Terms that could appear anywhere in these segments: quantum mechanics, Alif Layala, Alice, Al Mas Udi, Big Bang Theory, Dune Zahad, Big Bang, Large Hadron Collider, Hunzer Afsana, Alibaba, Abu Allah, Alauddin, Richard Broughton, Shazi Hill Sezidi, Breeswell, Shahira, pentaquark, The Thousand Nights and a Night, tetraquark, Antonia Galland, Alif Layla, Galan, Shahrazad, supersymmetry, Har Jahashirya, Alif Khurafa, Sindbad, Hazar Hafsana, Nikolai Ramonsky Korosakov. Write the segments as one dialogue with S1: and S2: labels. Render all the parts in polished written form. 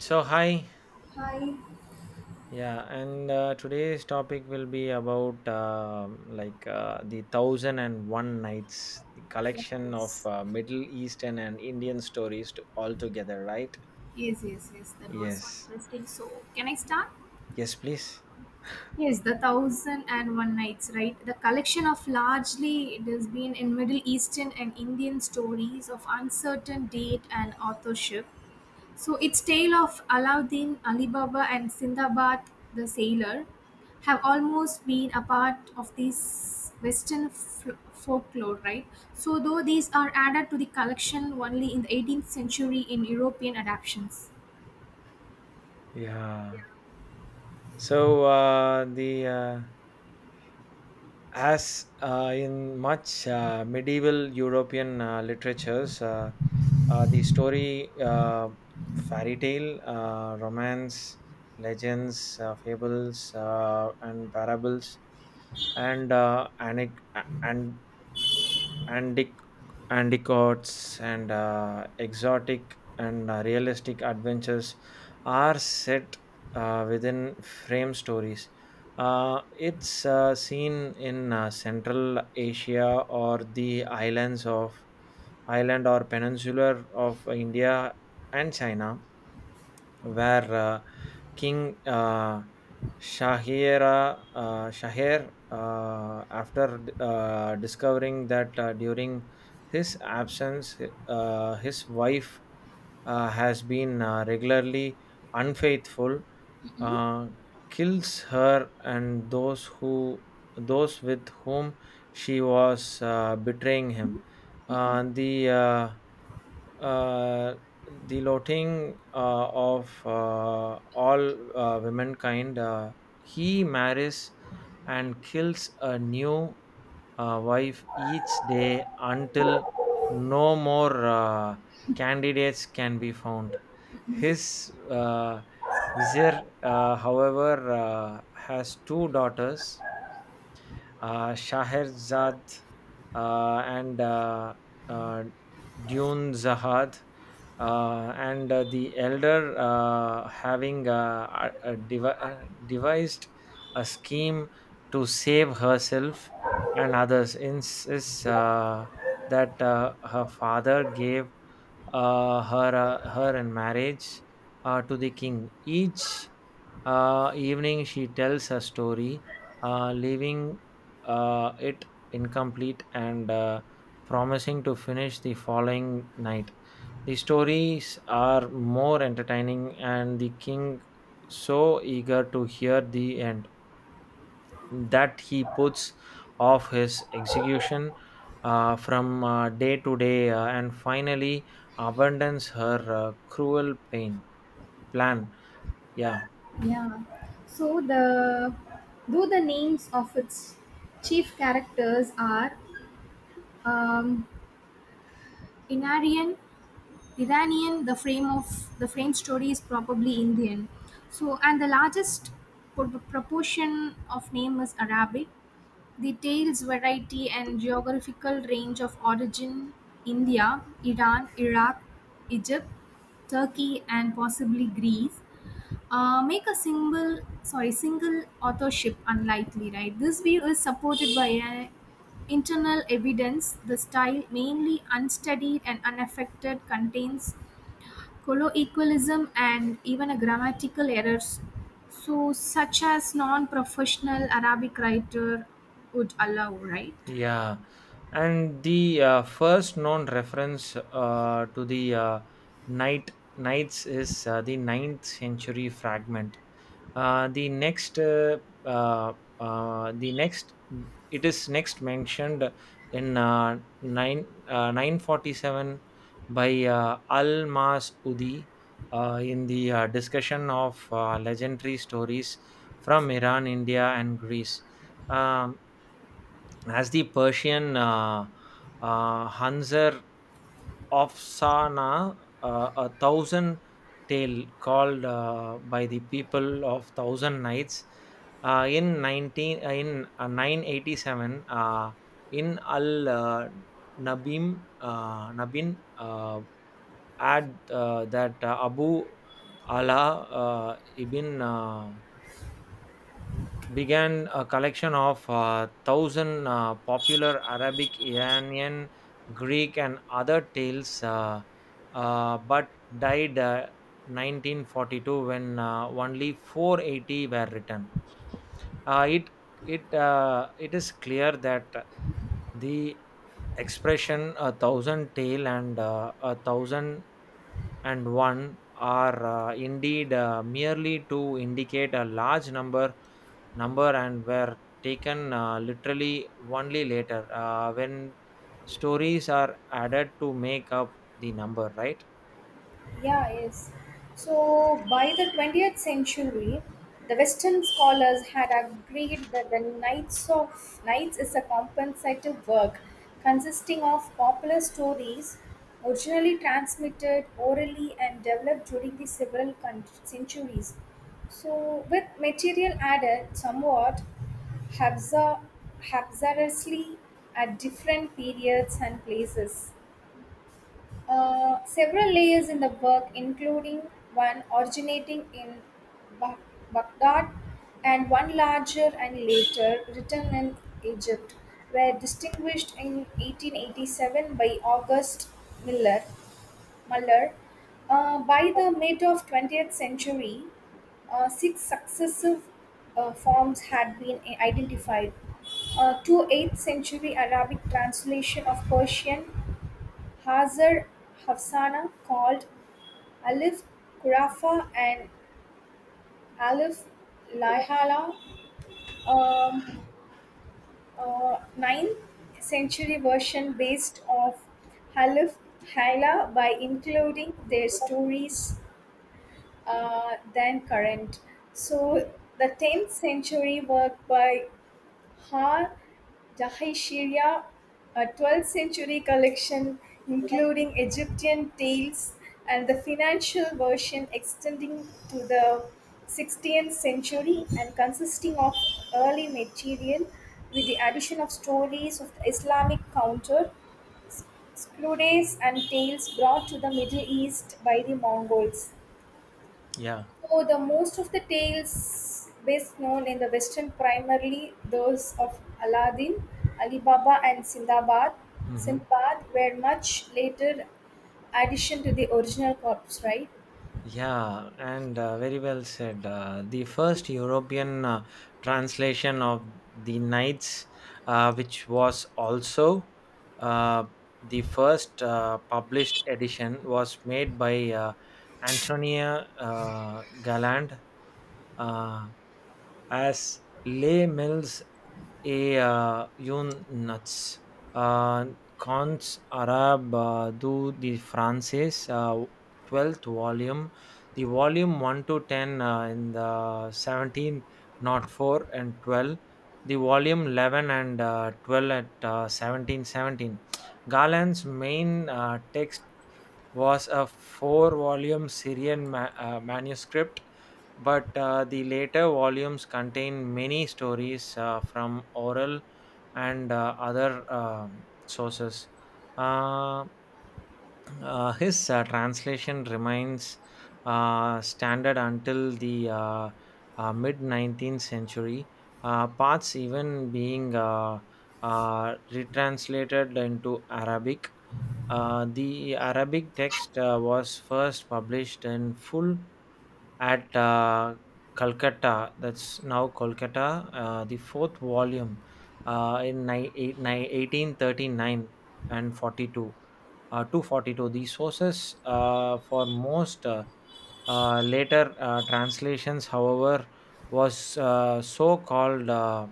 S1: So hi,
S2: Hi.
S1: yeah, and today's topic will be about like the thousand and one nights, the
S2: Yes,
S1: collection of
S2: yes.
S1: Middle Eastern and Indian stories to, all together, right?
S2: Yes, yes, yes. That was so
S1: Yes,
S2: interesting. So, can I start?
S1: yes, please.
S2: Yes, the Thousand and One Nights, right? The collection of largely it has been in Middle Eastern and Indian stories of uncertain date and authorship. So its tale of Alauddin, Alibaba, and Sindbad the Sailor have almost been a part of this Western folklore, right? So though these are added to the collection only in the 18th century in European adaptations.
S1: Yeah. So the As in much medieval European literatures, the story, fairy tale, romance, legends, fables, and parables, and uh, anec- and antic anticots and exotic and realistic adventures are set within frame stories. It's seen in Central Asia or the island or peninsular of India and China where King Shahir, after discovering that during his absence, his wife has been regularly unfaithful, uh, kills her and those with whom she was betraying him. Uh, the uh, uh, the loathing of all womankind. He marries and kills a new wife each day until no more candidates can be found. His vizier, however, has two daughters, Shaherzad and uh, Dune Zahad, and the elder having a devised a scheme to save herself and others insists that her father gave her in marriage to the king. Each evening, she tells a story, leaving it incomplete and promising to finish the following night. The stories are more entertaining, and the king so eager to hear the end that he puts off his execution from day to day and finally abandons her cruel pain plan. Yeah.
S2: Yeah. So the though the names of its chief characters are um, Inarian Iranian, the frame story is probably Indian. So, and the largest proportion of name is Arabic. The tales variety and geographical range of origin: India, Iran, Iraq, Egypt, Turkey, and possibly Greece. Make a single authorship unlikely, right? This view is supported by internal evidence. The style, mainly unstudied and unaffected, contains colloquialism, and even a grammatical errors, so such as non-professional Arabic writer would allow, right?
S1: Yeah, and the first known reference to the night knights is the ninth century fragment. Uh, the next, uh, uh, uh, the next, it is next mentioned in 947 by Al Mas Udi in the discussion of legendary stories from Iran, India, and Greece. Um, as the Persian Hunzer Afsana, a thousand tale called by the people of thousand nights in 19 in 987 in Al Nabim Nabin add that Abu Allah ibn began a collection of thousand popular Arabic, Iranian, Greek, and other tales, but died 1942 when only 480 were written. Uh, it it is clear that the expression a thousand tale and a thousand and one are indeed merely to indicate a large number and were taken literally only later when stories are added to make up the number, right?
S2: Yeah, yes. So by the 20th century, the Western scholars had agreed that the Knights of Knights is a compensative work consisting of popular stories originally transmitted orally and developed during the several centuries. So with material added somewhat haphazard- haphazardly at different periods and places. Several layers in the work, including one originating in Ba- Baghdad and one larger and later written in Egypt, were distinguished in 1887 by August Miller. Muller. By the mid of 20th century, six successive forms had been identified. 28th century Arabic translation of Persian Hazar Hafsana called Alif Khurafa and Alif Layala, a ninth-century version based of Alif Layla by including their stories than current. So the 10th century work by Har Jahashirya, a 12th century collection including Egyptian tales and the financial version extending to the 16th century and consisting of early material with the addition of stories of the Islamic counter, scrolls and tales brought to the Middle East by the Mongols.
S1: Yeah.
S2: Oh, the most of the tales best known in the Western, primarily those of Aladdin, Alibaba, and
S1: Mm-hmm.
S2: Sindbad were much later addition to the original corpus, right?
S1: Yeah, and very well said, the first European translation of the knights which was also uh, the first published edition was made by Antonia Galland, Uh, as Les Mills et Youn Nuts. Euh, Contes Arab du the Frances, 12th volume, the volume 1 to 10 in the 17, not 4 and 12, the volume 11 and 12 at 17, seventeen. Garland's main text was a four volume Syrian manuscript but the later volumes contain many stories from oral and other sources. Uh, his translation remains standard until the mid 19th century, parts even being retranslated into Arabic. The Arabic text was first published in full at Calcutta, that's now Kolkata, the fourth volume in 1839 and 42, 242. The sources for most later translations, however, was so called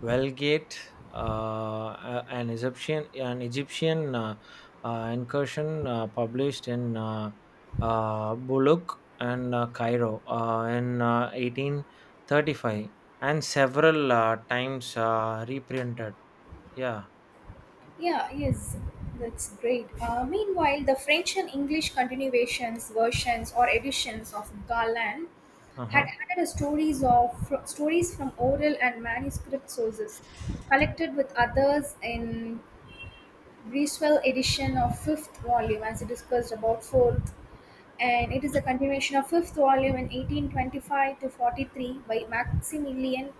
S1: Vulgate, an Egyptian incursion published in Buluk and Cairo in 1835, and several times reprinted. Yeah.
S2: Yeah, yes, that's great. Meanwhile, the French and English continuations, versions, or editions of Galan
S1: Uh
S2: had
S1: huh.
S2: added stories from oral and manuscript sources collected with others in Breeswell edition of fifth volume as it discussed about fourth, and it is a continuation of fifth volume in 1825 to 43 by maximilian.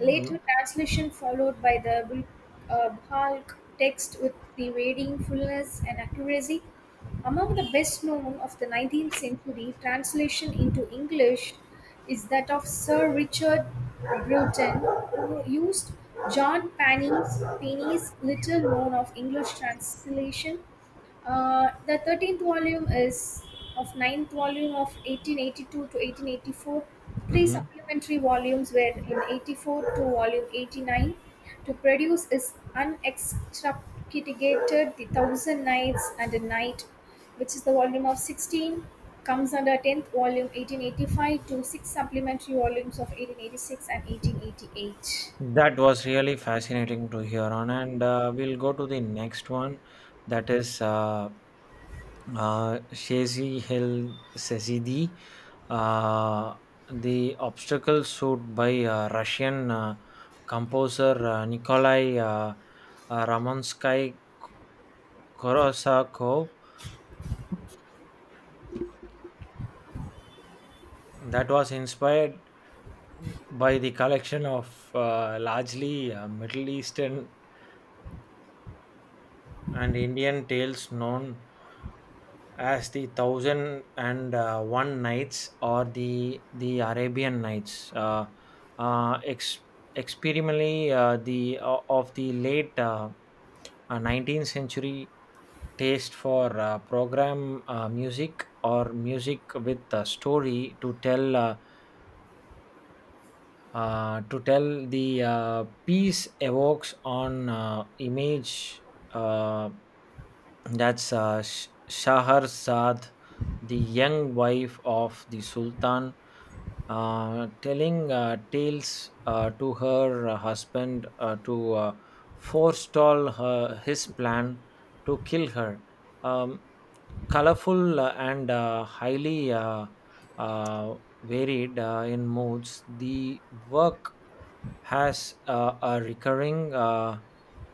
S2: Later translation followed by the Bhalkh text with the varying fullness and accuracy. Among the best known of the 19th century translation into English is that of Sir Richard Broughton, who used John Penny's little known of English translation, the 13th volume is of ninth volume of 1882 to 1884. Three
S1: Mm-hmm.
S2: supplementary volumes were in 84 to volume 89. To produce is unextracted The Thousand Nights and a Night, which is the volume of 16, comes under 10th volume 1885 to six supplementary volumes of 1886 and 1888.
S1: That was really fascinating to hear on, and we'll go to the next one. That is Shazi Hill Sezidi, uh, the obstacle suit by Russian composer Nikolai Ramonsky Korosakov, that was inspired by the collection of largely Middle Eastern and Indian tales known as the thousand and one nights or the Arabian nights, uh, ex- experimentally the of the late 19th century taste for program music or music with a story to tell, the piece evokes on image uh, that's Shahrazad, the young wife of the Sultan, telling tales to her husband to forestall his plan to kill her. Um, Colorful and highly uh, varied in moods, the work has a recurring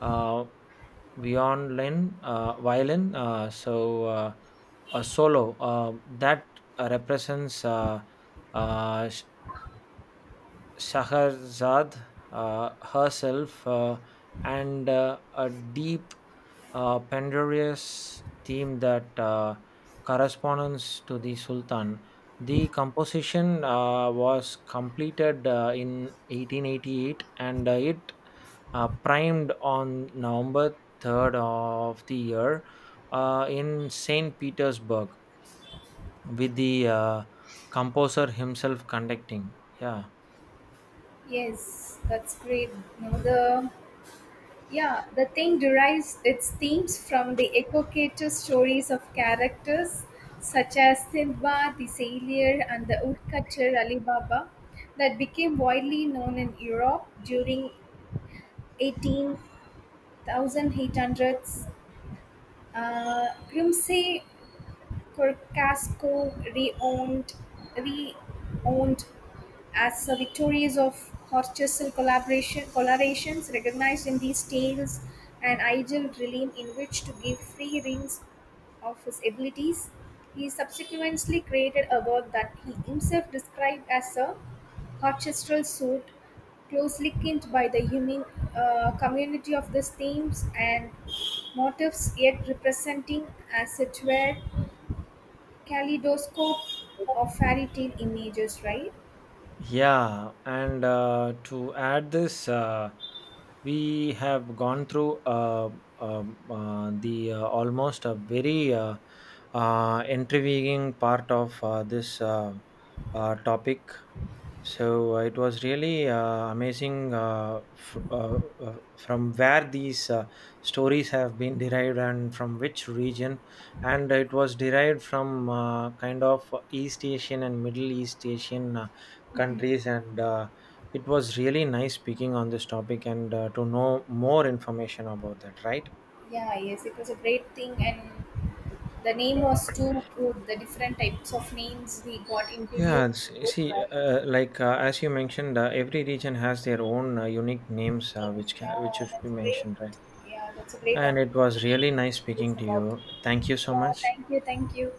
S1: uh, violin a solo that represents uh, Shahrazad herself and a deep, penurious theme that corresponds to the Sultan. The composition was completed in 1888 and it primed on November 3rd of the year in St. Petersburg with the composer himself conducting. Yeah.
S2: Yes, that's great. You know, the Yeah, the thing derives its themes from the evocative stories of characters such as Sindbad the Sailor and the woodcutter Ali Baba that became widely known in Europe during 18,800s. Grimsey Corcasco reowned as the victories of Horchastle collaborations recognized in these tales and Igil realm in which to give free rings of his abilities. He subsequently created a work that he himself described as a Horchestral suit, closely kin by the human community of these themes and motifs, yet representing as it were kaleidoscope of fairy tale images, right?
S1: Yeah, and to add this, we have gone through the almost a very intriguing part of this topic, so it was really amazing from where these stories have been derived and from which region. And it was derived from kind of East Asian and Middle East Asian countries. And it was really nice speaking on this topic and to know more information about that, right?
S2: Yeah, yes, it was a great thing, and the name was too good. The different types of names we got
S1: Yeah,
S2: introduced to
S1: you
S2: both,
S1: see,
S2: right?
S1: like as you mentioned, every region has their own unique names,
S2: Names,
S1: which
S2: yeah,
S1: should be
S2: that's great.
S1: mentioned, right?
S2: Yeah, that's a great
S1: And it was
S2: opportunity to
S1: really nice
S2: speak this
S1: speaking to
S2: about.
S1: you. Thank you so
S2: Yeah,
S1: much.
S2: thank you, thank you.